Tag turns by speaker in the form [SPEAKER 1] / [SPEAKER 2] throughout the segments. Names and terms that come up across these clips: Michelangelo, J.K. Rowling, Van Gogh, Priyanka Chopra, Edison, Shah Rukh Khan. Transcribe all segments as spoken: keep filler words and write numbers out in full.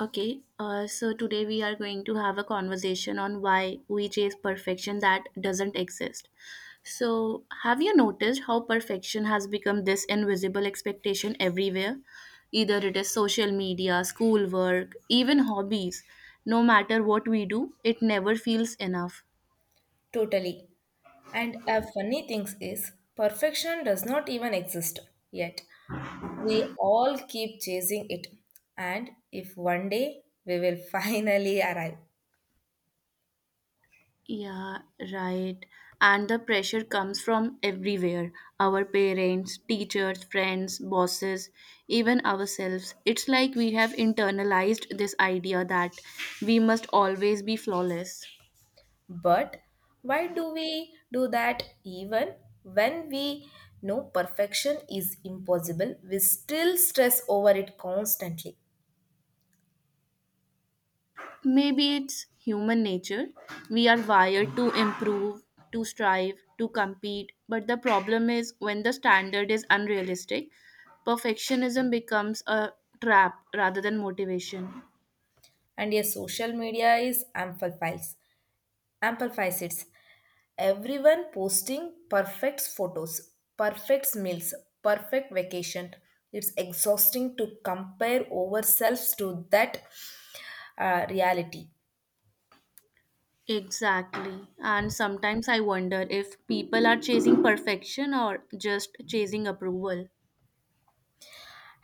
[SPEAKER 1] Okay, uh, so today we are going to have a conversation on why we chase perfection that doesn't exist. So, have you noticed how perfection has become this invisible expectation everywhere? Either it is social media, schoolwork, even hobbies. No matter what we do, it never feels enough.
[SPEAKER 2] Totally. And a funny thing is, perfection does not even exist yet. We all keep chasing it. And if one day we will finally arrive.
[SPEAKER 1] Yeah, right. And the pressure comes from everywhere, our parents, teachers, friends, bosses, even ourselves. It's like we have internalized this idea that we must always be flawless.
[SPEAKER 2] But why do we do that even when we know perfection is impossible? We still stress over it constantly.
[SPEAKER 1] Maybe it's human nature. We are wired to improve, to strive, to compete. But the problem is, when the standard is unrealistic, perfectionism becomes a trap rather than motivation.
[SPEAKER 2] And yes, social media is amplifies amplifies it. Everyone posting perfect photos, perfect meals, perfect vacation. It's exhausting to compare ourselves to that uh, reality.
[SPEAKER 1] Exactly. And sometimes I wonder if people are chasing perfection or just chasing approval.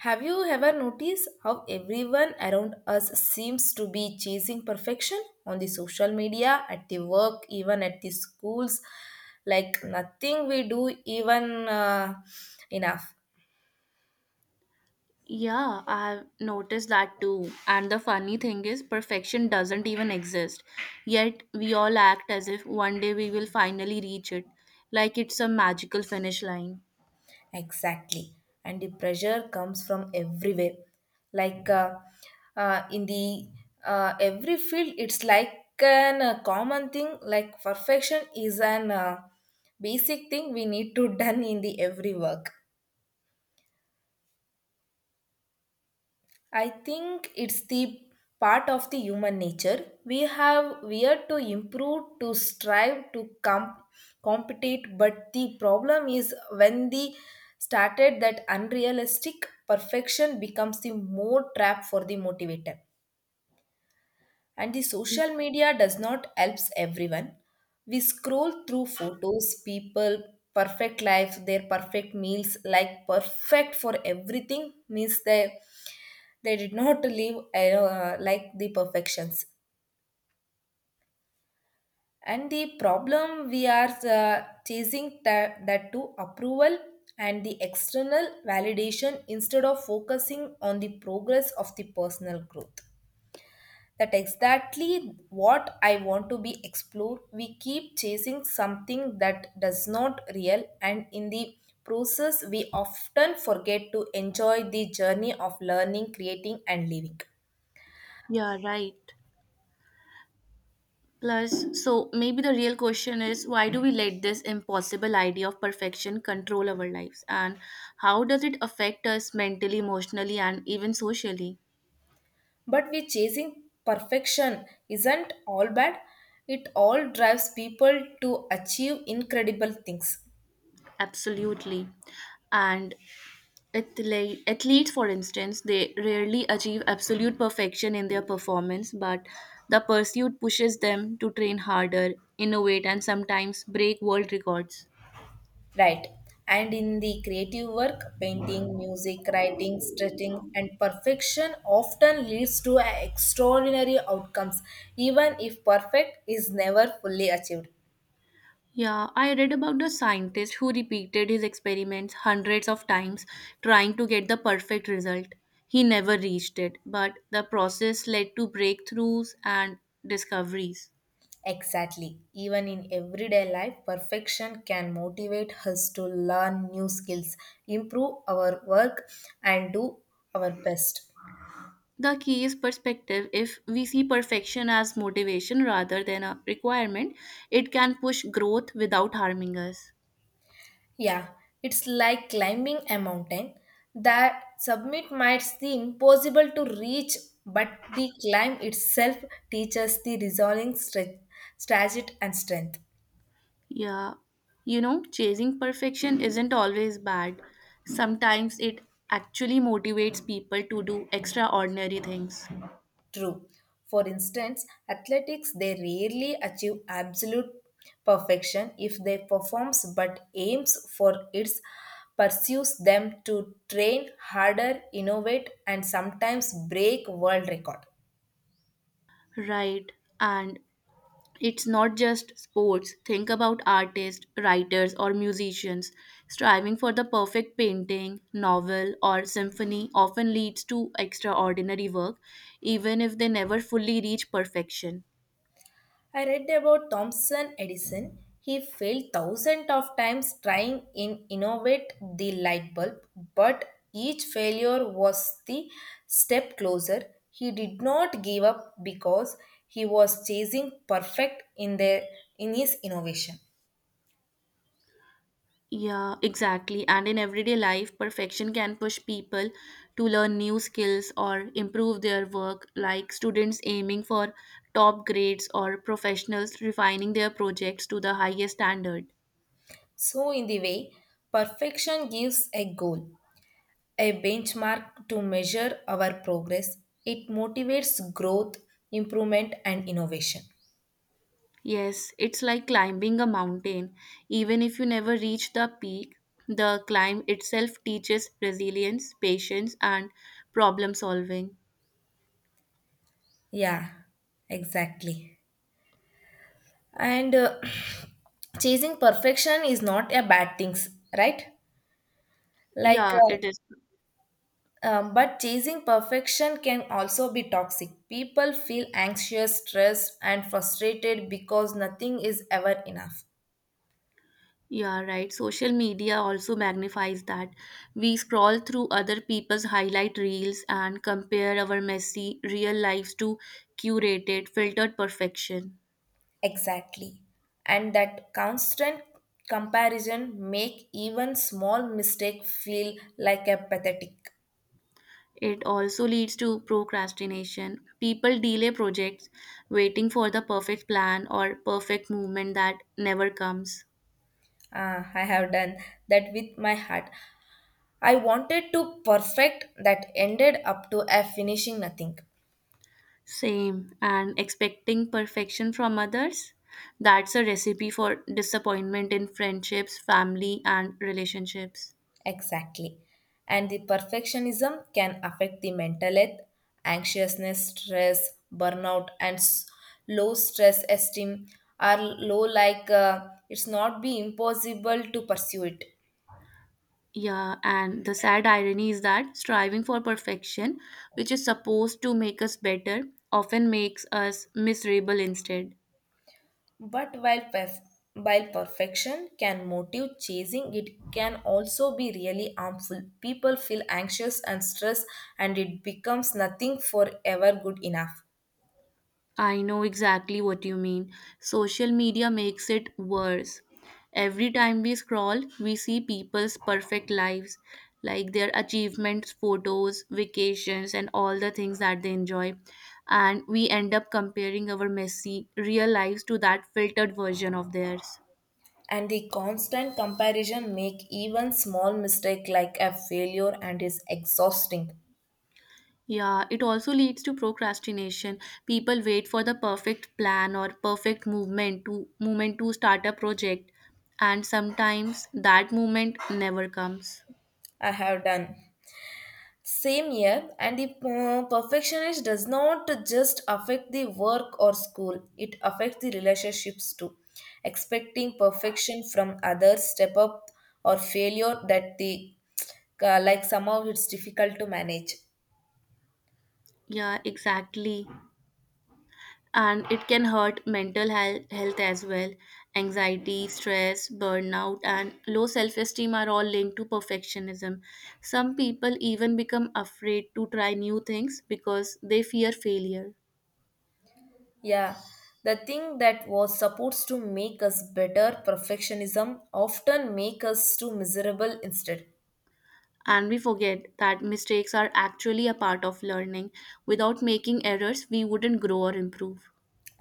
[SPEAKER 2] Have you ever noticed how everyone around us seems to be chasing perfection on the social media, at the work, even at the schools? Like nothing we do even uh, enough.
[SPEAKER 1] Yeah, I've noticed that too. And the funny thing is, perfection doesn't even exist. Yet, we all act as if one day we will finally reach it, like it's a magical finish line.
[SPEAKER 2] Exactly. And the pressure comes from everywhere. Like uh, uh, in the uh, Every field, it's like an uh, common thing. Like perfection is an uh, basic thing we need to done in the every work. I think it's the part of the human nature. We have we are to improve, to strive, to com- compete, but the problem is when the started that unrealistic perfection becomes the more trap for the motivator. And the
[SPEAKER 1] Y-
[SPEAKER 2] social media does not helps everyone. We scroll through photos, people, perfect life, their perfect meals, like perfect for everything means they they did not live uh, like the perfections. And the problem we are uh, chasing that, that to approval and the external validation instead of focusing on the progress of the personal growth. That exactly what I want to be explored. We keep chasing something that does not real and in the process we often forget to enjoy the journey of learning, creating and living.
[SPEAKER 1] Yeah, right. Plus, so maybe the real question is, why do we let this impossible idea of perfection control our lives, and how does it affect us mentally, emotionally, and even socially?
[SPEAKER 2] But we chasing perfection isn't all bad. It all drives people to achieve incredible things.
[SPEAKER 1] Absolutely. And athle- athletes, for instance, they rarely achieve absolute perfection in their performance, but the pursuit pushes them to train harder, innovate, and sometimes break world records.
[SPEAKER 2] Right. And in the creative work, painting, music, writing, stretching, and perfection often leads to extraordinary outcomes, even if perfect is never fully achieved.
[SPEAKER 1] Yeah, I read about the scientist who repeated his experiments hundreds of times trying to get the perfect result. He never reached it, but the process led to breakthroughs and discoveries.
[SPEAKER 2] Exactly. Even in everyday life, perfection can motivate us to learn new skills, improve our work, and do our best.
[SPEAKER 1] The key is perspective. If we see perfection as motivation rather than a requirement, it can push growth without harming us.
[SPEAKER 2] Yeah, it's like climbing a mountain. That summit might seem impossible to reach, but the climb itself teaches the resolving stre- strategy and strength.
[SPEAKER 1] Yeah, you know, chasing perfection isn't always bad. Sometimes it actually motivates people to do extraordinary things.
[SPEAKER 2] True. For instance, athletics they rarely achieve absolute perfection if they performs but aims for its pursues them to train harder, innovate and sometimes break world record.
[SPEAKER 1] Right. And it's not just sports. Think about artists, writers, or musicians. Striving for the perfect painting, novel, or symphony often leads to extraordinary work, even if they never fully reach perfection.
[SPEAKER 2] I read about Thomson Edison. He failed thousands of times trying in innovate the light bulb, but each failure was the step closer. He did not give up because he was chasing perfect in the in his innovation.
[SPEAKER 1] Yeah, exactly. And in everyday life, perfection can push people to learn new skills or improve their work, like students aiming for top grades or professionals refining their projects to the highest standard.
[SPEAKER 2] So in the way, perfection gives a goal, a benchmark to measure our progress. It motivates growth, improvement and innovation.
[SPEAKER 1] Yes, it's like climbing a mountain. Even if you never reach the peak, the climb itself teaches resilience, patience, and problem solving.
[SPEAKER 2] Yeah, exactly. and uh, chasing perfection is not a bad thing, right, like
[SPEAKER 1] Yeah, it is.
[SPEAKER 2] uh, um, but chasing perfection can also be toxic. People feel anxious, stressed and frustrated because nothing is ever enough.
[SPEAKER 1] Yeah, right. Social media also magnifies that. We scroll through other people's highlight reels and compare our messy real lives to curated, filtered perfection.
[SPEAKER 2] Exactly. And that constant comparison make even small mistake feel like a pathetic.
[SPEAKER 1] It also leads to procrastination. People delay projects, waiting for the perfect plan or perfect movement that never comes.
[SPEAKER 2] ah, I have done that with my heart. I wanted to perfect that ended up to a finishing nothing.
[SPEAKER 1] Same, and expecting perfection from others, that's a recipe for disappointment in friendships, family, and relationships.
[SPEAKER 2] Exactly. And the perfectionism can affect the mental health, anxiousness, stress, burnout, and s- low stress esteem are low like uh, it's not be impossible to pursue it.
[SPEAKER 1] Yeah, and the sad irony is that striving for perfection, which is supposed to make us better, often makes us miserable instead.
[SPEAKER 2] But while, perf- while perfection can motive chasing, it can also be really harmful. People feel anxious and stressed, and it becomes nothing forever good enough.
[SPEAKER 1] I know exactly what you mean. Social media makes it worse. Every time we scroll, we see people's perfect lives, like their achievements, photos, vacations, and all the things that they enjoy. And we end up comparing our messy real lives to that filtered version of theirs.
[SPEAKER 2] And the constant comparison make even small mistake like a failure and is exhausting.
[SPEAKER 1] Yeah, it also leads to procrastination. People wait for the perfect plan or perfect movement to movement to start a project, and sometimes that moment never comes.
[SPEAKER 2] I have done. Same year, and the uh, perfectionist does not just affect the work or school, it affects the relationships too. Expecting perfection from others, step up, or failure that the uh, like somehow it's difficult to manage.
[SPEAKER 1] Yeah, exactly. And it can hurt mental health, health as well. Anxiety, stress, burnout, and low self esteem are all linked to perfectionism. Some people even become afraid to try new things because they fear failure.
[SPEAKER 2] Yeah, the thing that was supposed to make us better, perfectionism, often make us too miserable instead.
[SPEAKER 1] And we forget that mistakes are actually a part of learning. Without making errors, we wouldn't grow or improve.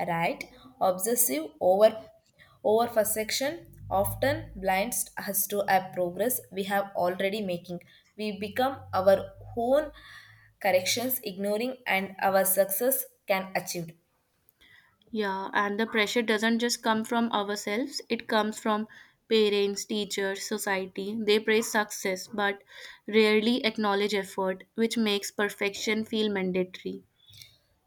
[SPEAKER 2] Right? Obsessive over over perfection often blinds us to a progress we have already making. We become our own corrections, ignoring and our success can achieved.
[SPEAKER 1] Yeah, and the pressure doesn't just come from ourselves, it comes from parents, teachers, society. They praise success but rarely acknowledge effort, which makes perfection feel mandatory.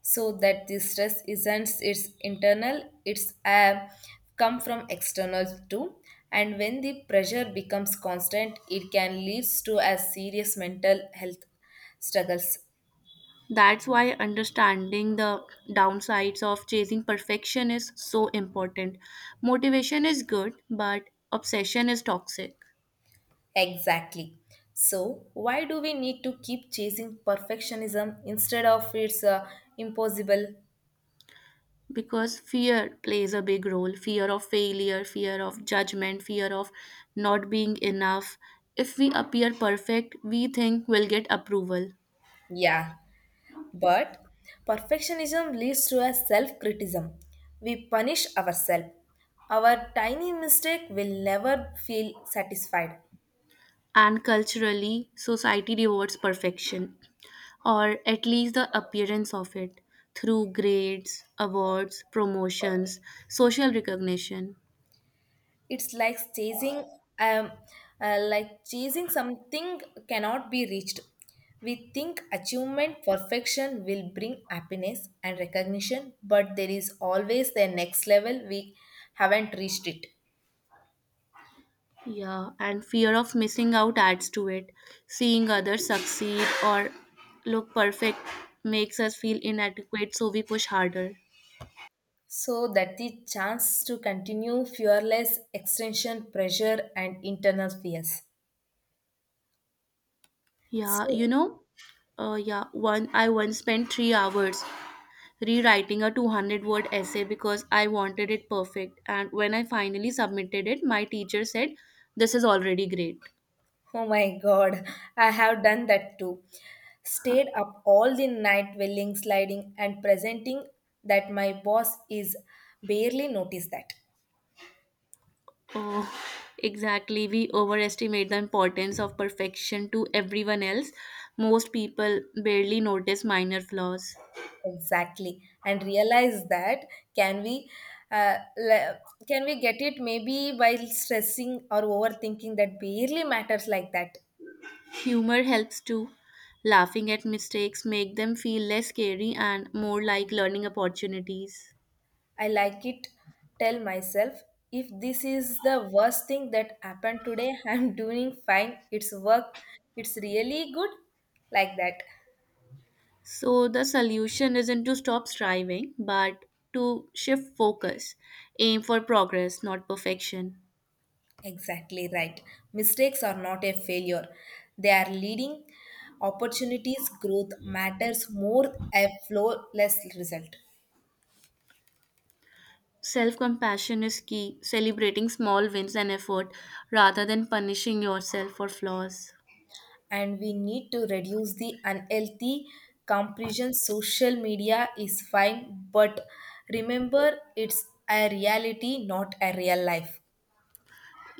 [SPEAKER 2] So that the stress isn't it's internal, it's a come from external too. And when the pressure becomes constant, it can lead to a serious mental health struggles.
[SPEAKER 1] That's why understanding the downsides of chasing perfection is so important. Motivation is good, but obsession is toxic.
[SPEAKER 2] Exactly. So, why do we need to keep chasing perfectionism instead of it's uh, impossible?
[SPEAKER 1] Because fear plays a big role, fear of failure, fear of judgment, fear of not being enough. If we appear perfect, we think we'll get approval.
[SPEAKER 2] Yeah, but perfectionism leads to a self criticism. We punish ourselves. Our tiny mistake will never feel satisfied.
[SPEAKER 1] And culturally, society rewards perfection, or at least the appearance of it, through grades, awards, promotions, social recognition.
[SPEAKER 2] It's like chasing, um, uh, like chasing something cannot be reached. We think achievement, perfection will bring happiness and recognition, but there is always the next level we haven't reached it.
[SPEAKER 1] Yeah, and fear of missing out adds to it. Seeing others succeed or look perfect makes us feel inadequate, so we push harder.
[SPEAKER 2] So that the chance to continue fearless extension pressure and internal fears.
[SPEAKER 1] Yeah,
[SPEAKER 2] So
[SPEAKER 1] you know, uh, yeah, one I once spent three hours rewriting a two hundred word essay because I wanted it perfect. And when I finally submitted it, my teacher said, "This is already great."
[SPEAKER 2] oh my god, I have done that too. Stayed up all the night willing, sliding, and presenting that my boss is barely noticed that.
[SPEAKER 1] Oh, exactly. We overestimate the importance of perfection to everyone else. Most people barely notice minor flaws.
[SPEAKER 2] Exactly. And realize that can we uh, le- can we get it maybe while stressing or overthinking that barely matters like that.
[SPEAKER 1] Humor helps too. Laughing at mistakes make them feel less scary and more like learning opportunities.
[SPEAKER 2] I like it, tell myself, if this is the worst thing that happened today, I'm doing fine. It's work. It's really good. Like that.
[SPEAKER 1] So the solution isn't to stop striving, but to shift focus, aim for progress, not perfection.
[SPEAKER 2] Exactly right. Mistakes are not a failure. They are leading opportunities. Growth matters more a flawless result.
[SPEAKER 1] Self compassion is key, celebrating small wins and effort rather than punishing yourself for flaws.
[SPEAKER 2] And we need to reduce the unhealthy comparison. Social media is fine, but remember it's a reality, not a real life.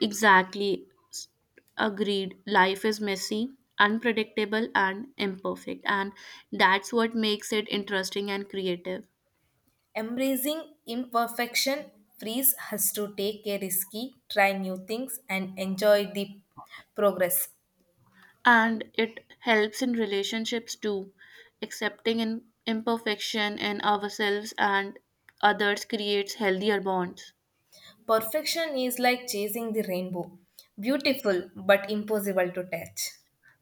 [SPEAKER 1] Exactly. S- Agreed. Life is messy, unpredictable, and imperfect. And that's what makes it interesting and creative.
[SPEAKER 2] Embracing imperfection frees us to take a risky, try new things, and enjoy the progress.
[SPEAKER 1] And it helps in relationships too. Accepting in imperfection in ourselves and others creates healthier bonds.
[SPEAKER 2] Perfection is like chasing the rainbow, beautiful but impossible to touch.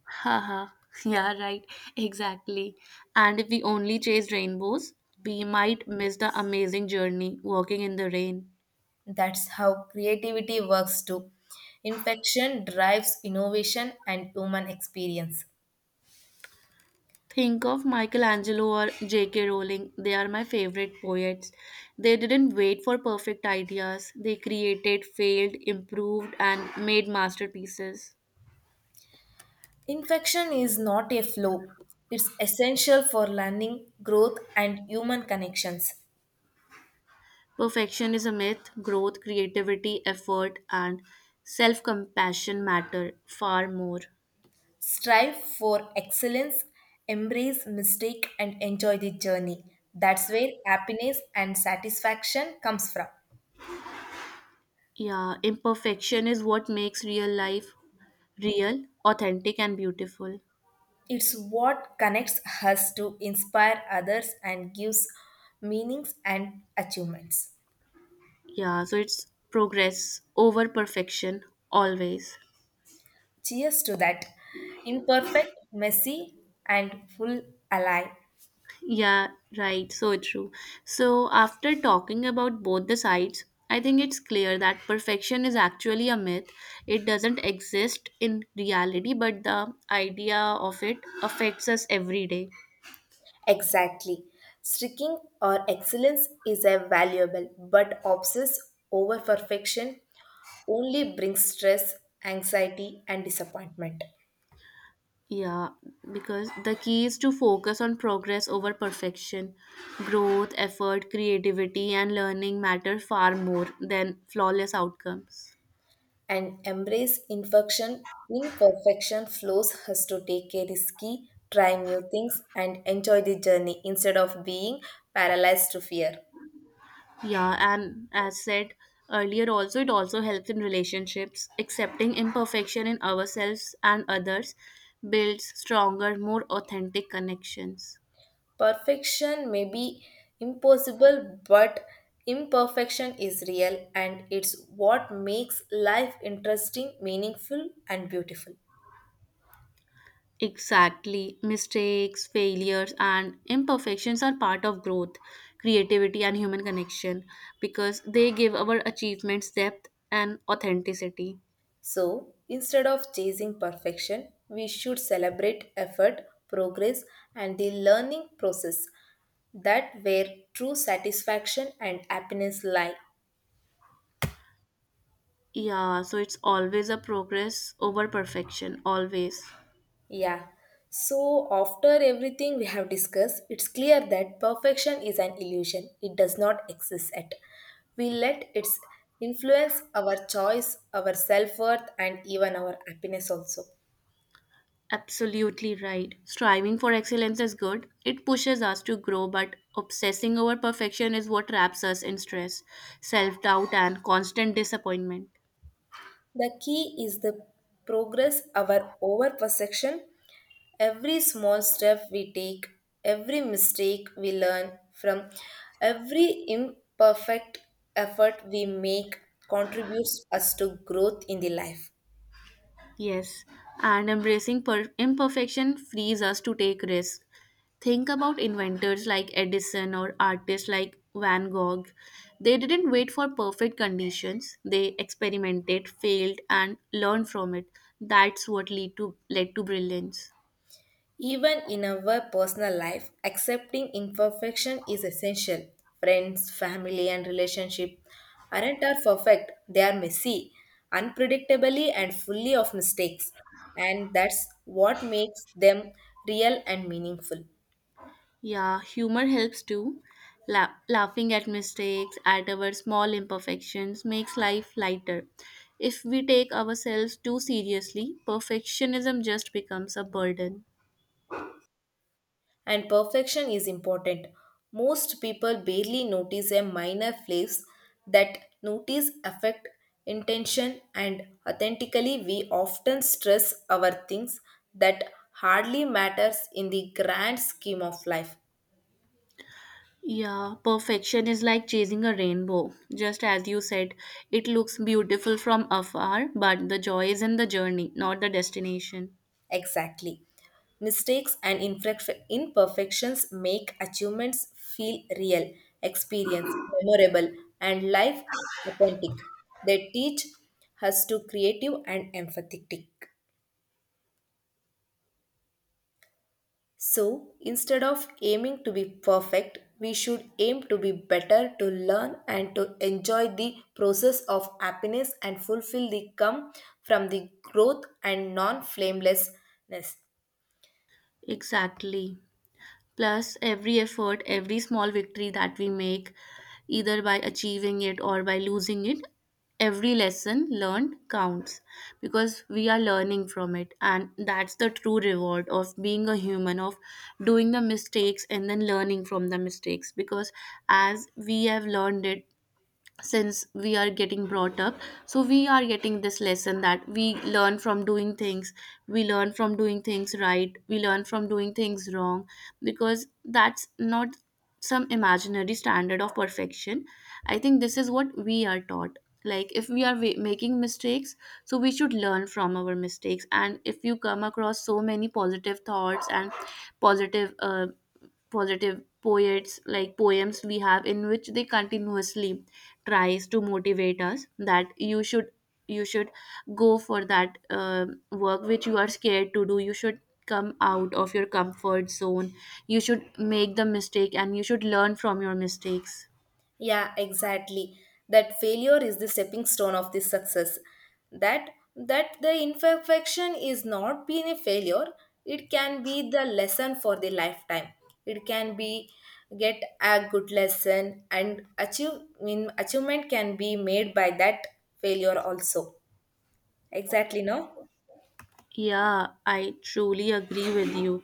[SPEAKER 1] Haha. Yeah, right. Exactly. And if we only chase rainbows, we might miss the amazing journey walking in the rain.
[SPEAKER 2] That's how creativity works too. Infection drives innovation and human experience.
[SPEAKER 1] Think of Michelangelo or J K. Rowling. They are my favorite poets. They didn't wait for perfect ideas, they created, failed, improved, and made masterpieces.
[SPEAKER 2] Infection is not a flaw, it's essential for learning, growth, and human connections.
[SPEAKER 1] Perfection is a myth. Growth, creativity, effort, and self compassion matter far more.
[SPEAKER 2] Strive for excellence, embrace mistake and enjoy the journey. That's where happiness and satisfaction comes from.
[SPEAKER 1] Yeah, imperfection is what makes real life real, authentic, and beautiful.
[SPEAKER 2] It's what connects us to inspire others and gives meanings and achievements.
[SPEAKER 1] Yeah, so it's progress over perfection, always.
[SPEAKER 2] Cheers to that. Imperfect, messy, and full alive.
[SPEAKER 1] Yeah, right. So true. So, after talking about both the sides, I think it's clear that perfection is actually a myth. It doesn't exist in reality, but the idea of it affects us every day.
[SPEAKER 2] Exactly. Streaking or excellence is a valuable but obsess over perfection only brings stress, anxiety, and disappointment.
[SPEAKER 1] Yeah, because the key is to focus on progress over perfection. Growth, effort, creativity, and learning matter far more than flawless outcomes.
[SPEAKER 2] And embrace imperfection. Imperfection flows us to take a risky, try new things, and enjoy the journey instead of being paralyzed to fear.
[SPEAKER 1] Yeah, and as said earlier, also it also helps in relationships. Accepting imperfection in ourselves and others builds stronger, more authentic connections.
[SPEAKER 2] Perfection may be impossible, but imperfection is real, and it's what makes life interesting, meaningful, and beautiful.
[SPEAKER 1] Exactly. Mistakes, failures, and imperfections are part of growth, creativity, and human connection, because they give our achievements depth and authenticity.
[SPEAKER 2] So, instead of chasing perfection, we should celebrate effort, progress, and the learning process that where true satisfaction and happiness lie.
[SPEAKER 1] Yeah, so it's always a progress over perfection, always.
[SPEAKER 2] Yeah. So, after everything we have discussed, it's clear that perfection is an illusion. It does not exist at. We let its influence our choice, our self worth, and even our happiness also.
[SPEAKER 1] Absolutely right. Striving for excellence is good. It pushes us to grow, but obsessing over perfection is what traps us in stress, self doubt, and constant disappointment.
[SPEAKER 2] The key is the progress our over perception. Every small step we take, every mistake we learn from, every imperfect effort we make contributes us to growth in the life.
[SPEAKER 1] Yes, and embracing per- imperfection frees us to take risks. Think about inventors like Edison or artists like Van Gogh. They didn't wait for perfect conditions. They experimented, failed, and learned from it. That's what lead to led to brilliance.
[SPEAKER 2] Even in our personal life, accepting imperfection is essential. Friends, family, and relationship aren't are perfect. They are messy, unpredictably, and fully of mistakes. And that's what makes them real and meaningful.
[SPEAKER 1] Yeah, humor helps too. La- laughing at mistakes, at our small imperfections, makes life lighter. If we take ourselves too seriously, perfectionism just becomes a burden.
[SPEAKER 2] And perfection is important. Most people barely notice a minor flaws that notice affect intention and authentically we often stress our things that hardly matters in the grand scheme of life.
[SPEAKER 1] Yeah, perfection is like chasing a rainbow. Just as you said, it looks beautiful from afar, but the joy is in the journey, not the destination.
[SPEAKER 2] Exactly. Mistakes and imperfe- imperfections make achievements feel real, experience memorable, and life authentic. They teach us to creative and empathetic. So instead of aiming to be perfect, we should aim to be better, to learn, and to enjoy the process of happiness and fulfill the come from the growth and non flamelessness.
[SPEAKER 1] Exactly. Plus, every effort, every small victory that we make, either by achieving it or by losing it, every lesson learned counts because we are learning from it. And that's the true reward of being a human, of doing the mistakes and then learning from the mistakes. Because, as we have learned it, since we are getting brought up, so we are getting this lesson that we learn from doing things. We learn from doing things right, we learn from doing things wrong, because that's not some imaginary standard of perfection. I think this is what we are taught. Like, if we are wa- making mistakes, so we should learn from our mistakes. And if you come across so many positive thoughts and positive uh, positive poets, like poems we have, in which they continuously tries to motivate us that you should, you should go for that uh, work which you are scared to do. You should come out of your comfort zone. You should make the mistake and you should learn from your mistakes.
[SPEAKER 2] Yeah, exactly. That failure is the stepping stone of this success. That that the imperfection is not being a failure. It can be the lesson for the lifetime. It can be get a good lesson and achieve mean achievement can be made by that failure also. Exactly, no?
[SPEAKER 1] Yeah, I truly agree with you,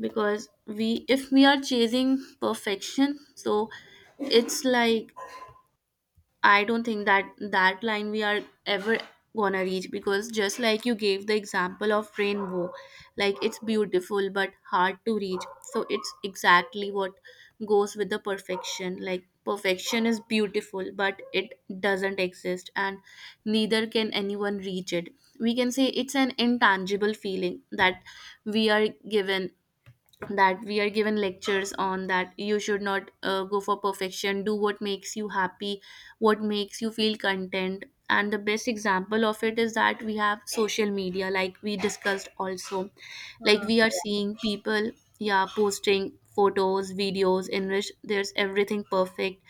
[SPEAKER 1] because we if we are chasing perfection, so it's like, I don't think that that line we are ever gonna reach, because just like you gave the example of rainbow, like it's beautiful but hard to reach. So it's exactly what goes with the perfection. Like perfection is beautiful but it doesn't exist, and neither can anyone reach it. We can say it's an intangible feeling that we are given that we are given lectures on, that you should not uh, go for perfection, do what makes you happy, what makes you feel content. And the best example of it is that we have social media, like we discussed also. Like
[SPEAKER 2] Ah.
[SPEAKER 1] we are seeing people, yeah, posting photos, videos in which there's everything perfect,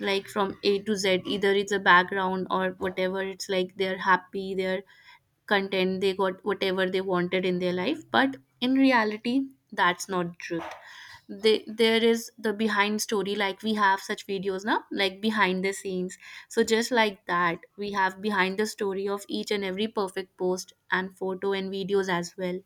[SPEAKER 1] like from a to z, either it's a background or whatever. It's like they're happy, they're content, they got whatever they wanted in their life, but in reality, that's not truth. They, there is the behind story. Like we have such videos now, like behind the scenes. So just like that, we have behind the story of each and every perfect post and photo and videos as well.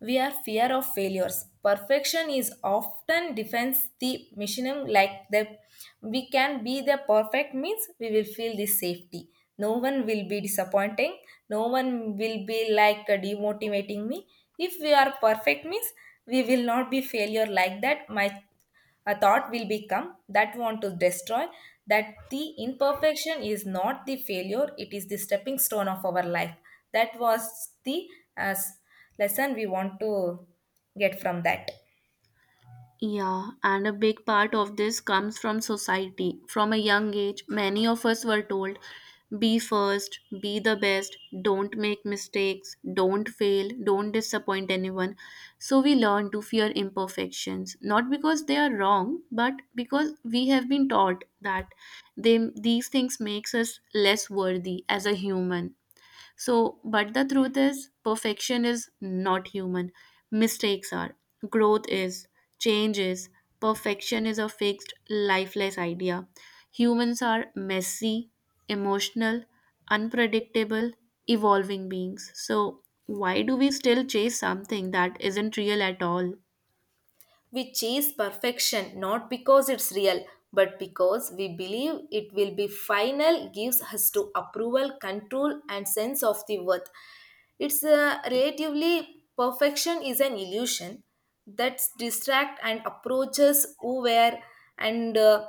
[SPEAKER 2] We are fear of failures. Perfection is often defends the missionem like the we can be the perfect means we will feel this safety. No one will be disappointing. No one will be like uh, demotivating me. If we are perfect means we will not be failure like that. My a thought will become that want to destroy, that the imperfection is not the failure, it is the stepping stone of our life. That was the as lesson we want to get from that.
[SPEAKER 1] Yeah, and a big part of this comes from society. From a young age, many of us were told, be first, be the best, don't make mistakes, don't fail, don't disappoint anyone. So we learn to fear imperfections, not because they are wrong, but because we have been taught that they, these things makes us less worthy as a human. So, but the truth is, perfection is not human. Mistakes are, growth is, change is. Perfection is a fixed, lifeless idea. Humans are messy, emotional, unpredictable, evolving beings. So, why do we still chase something that isn't real at all?
[SPEAKER 2] We chase perfection not because it's real, but because we believe it will be final, gives us to approval, control, and sense of the worth. It's a relatively perfection is an illusion that's distract and approaches who were and uh,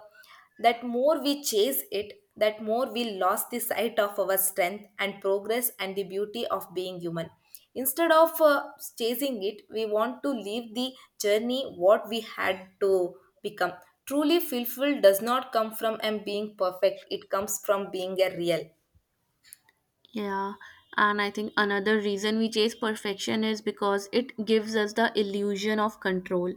[SPEAKER 2] that more we chase it, that more we lost the sight of our strength and progress and the beauty of being human. Instead of uh, chasing it, we want to leave the journey what we had to become. Truly fulfilled does not come from um, being perfect, it comes from being a real.
[SPEAKER 1] Yeah, and I think another reason we chase perfection is because it gives us the illusion of control.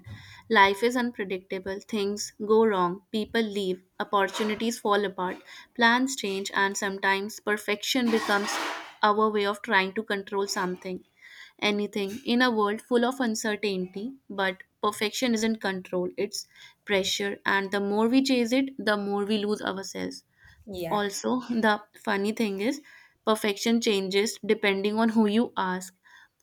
[SPEAKER 1] Life is unpredictable, things go wrong, people leave, opportunities fall apart, plans change, and sometimes perfection becomes our way of trying to control something, anything, in a world full of uncertainty. But perfection isn't control, it's pressure, and the more we chase it, the more we lose ourselves.
[SPEAKER 2] Yeah.
[SPEAKER 1] Also, the funny thing is, perfection changes depending on who you ask.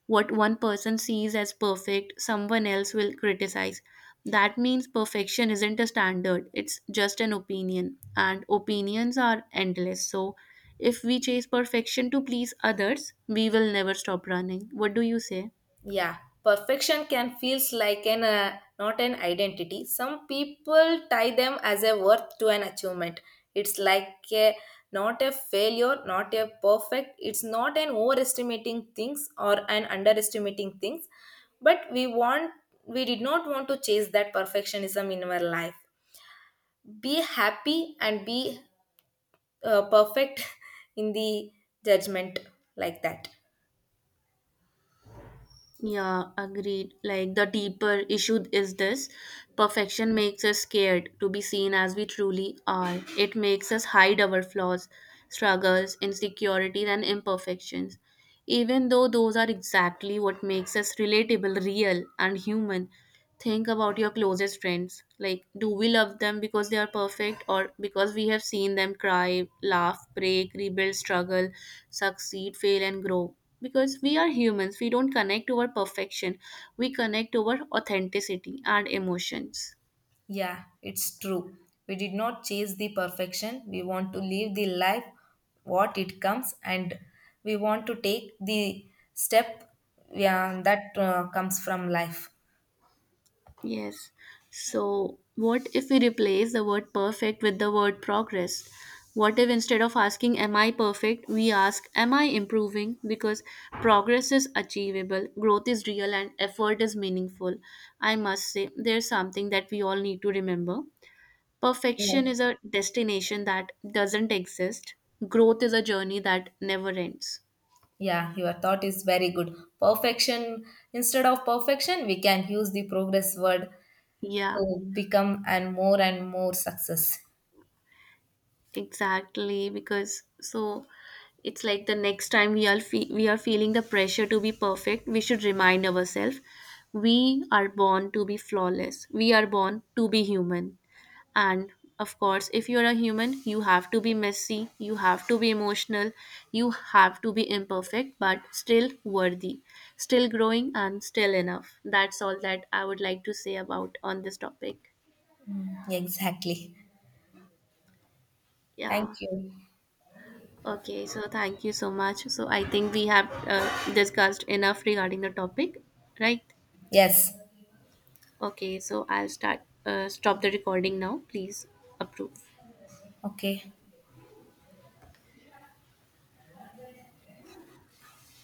[SPEAKER 1] What one person sees as perfect, someone else will criticize. That means perfection isn't a standard, it's just an opinion. And opinions are endless. So, if we chase perfection to please others, we will never stop running. What do you say?
[SPEAKER 2] Yeah, perfection can feels like an uh, not an identity. Some people tie them as a worth to an achievement. It's like a, not a failure, not a perfect. It's not an overestimating things or an underestimating things. But we want we did not want to chase that perfectionism in our life. Be happy and be uh, perfect in the judgment like that.
[SPEAKER 1] Yeah, agreed. Like, the deeper issue is this: perfection makes us scared to be seen as we truly are. It makes us hide our flaws, struggles, insecurities, and imperfections, even though those are exactly what makes us relatable, real, and human. Think about your closest friends. Like, do we love them because they are perfect, or because we have seen them cry, laugh, break, rebuild, struggle, succeed, fail, and grow? Because we are humans, we don't connect over perfection, we connect over authenticity and emotions.
[SPEAKER 2] Yeah, it's true. We did not chase the perfection. We want to live the life what it comes, and we want to take the step, yeah, that uh, comes from life.
[SPEAKER 1] Yes. So, what if we replace the word perfect with the word progress? What if, instead of asking, am I perfect, we ask, am I improving? Because progress is achievable, growth is real, and effort is meaningful. I must say, there's something that we all need to remember. Perfection
[SPEAKER 2] Yes.
[SPEAKER 1] is a destination that doesn't exist, growth is a journey that never ends.
[SPEAKER 2] Yeah, your thought is very good. Perfection, instead of perfection, we can use the progress word
[SPEAKER 1] Yeah.
[SPEAKER 2] to become and more and more success.
[SPEAKER 1] Exactly, because so it's like the next time we are fe- we are feeling the pressure to be perfect, we should remind ourselves, we are born to be flawless. We are born to be human. And of course, if you're a human, you have to be messy, you have to be emotional, you have to be imperfect, but still worthy, still growing, and still enough. That's all that I would like to say about on this topic.
[SPEAKER 2] Exactly. Thank
[SPEAKER 1] Yeah.
[SPEAKER 2] you.
[SPEAKER 1] Okay, so thank you so much. So I think we have uh, discussed enough regarding the topic, right?
[SPEAKER 2] Yes.
[SPEAKER 1] Okay, so I'll start uh, stop the recording now. Please approve.
[SPEAKER 2] Okay.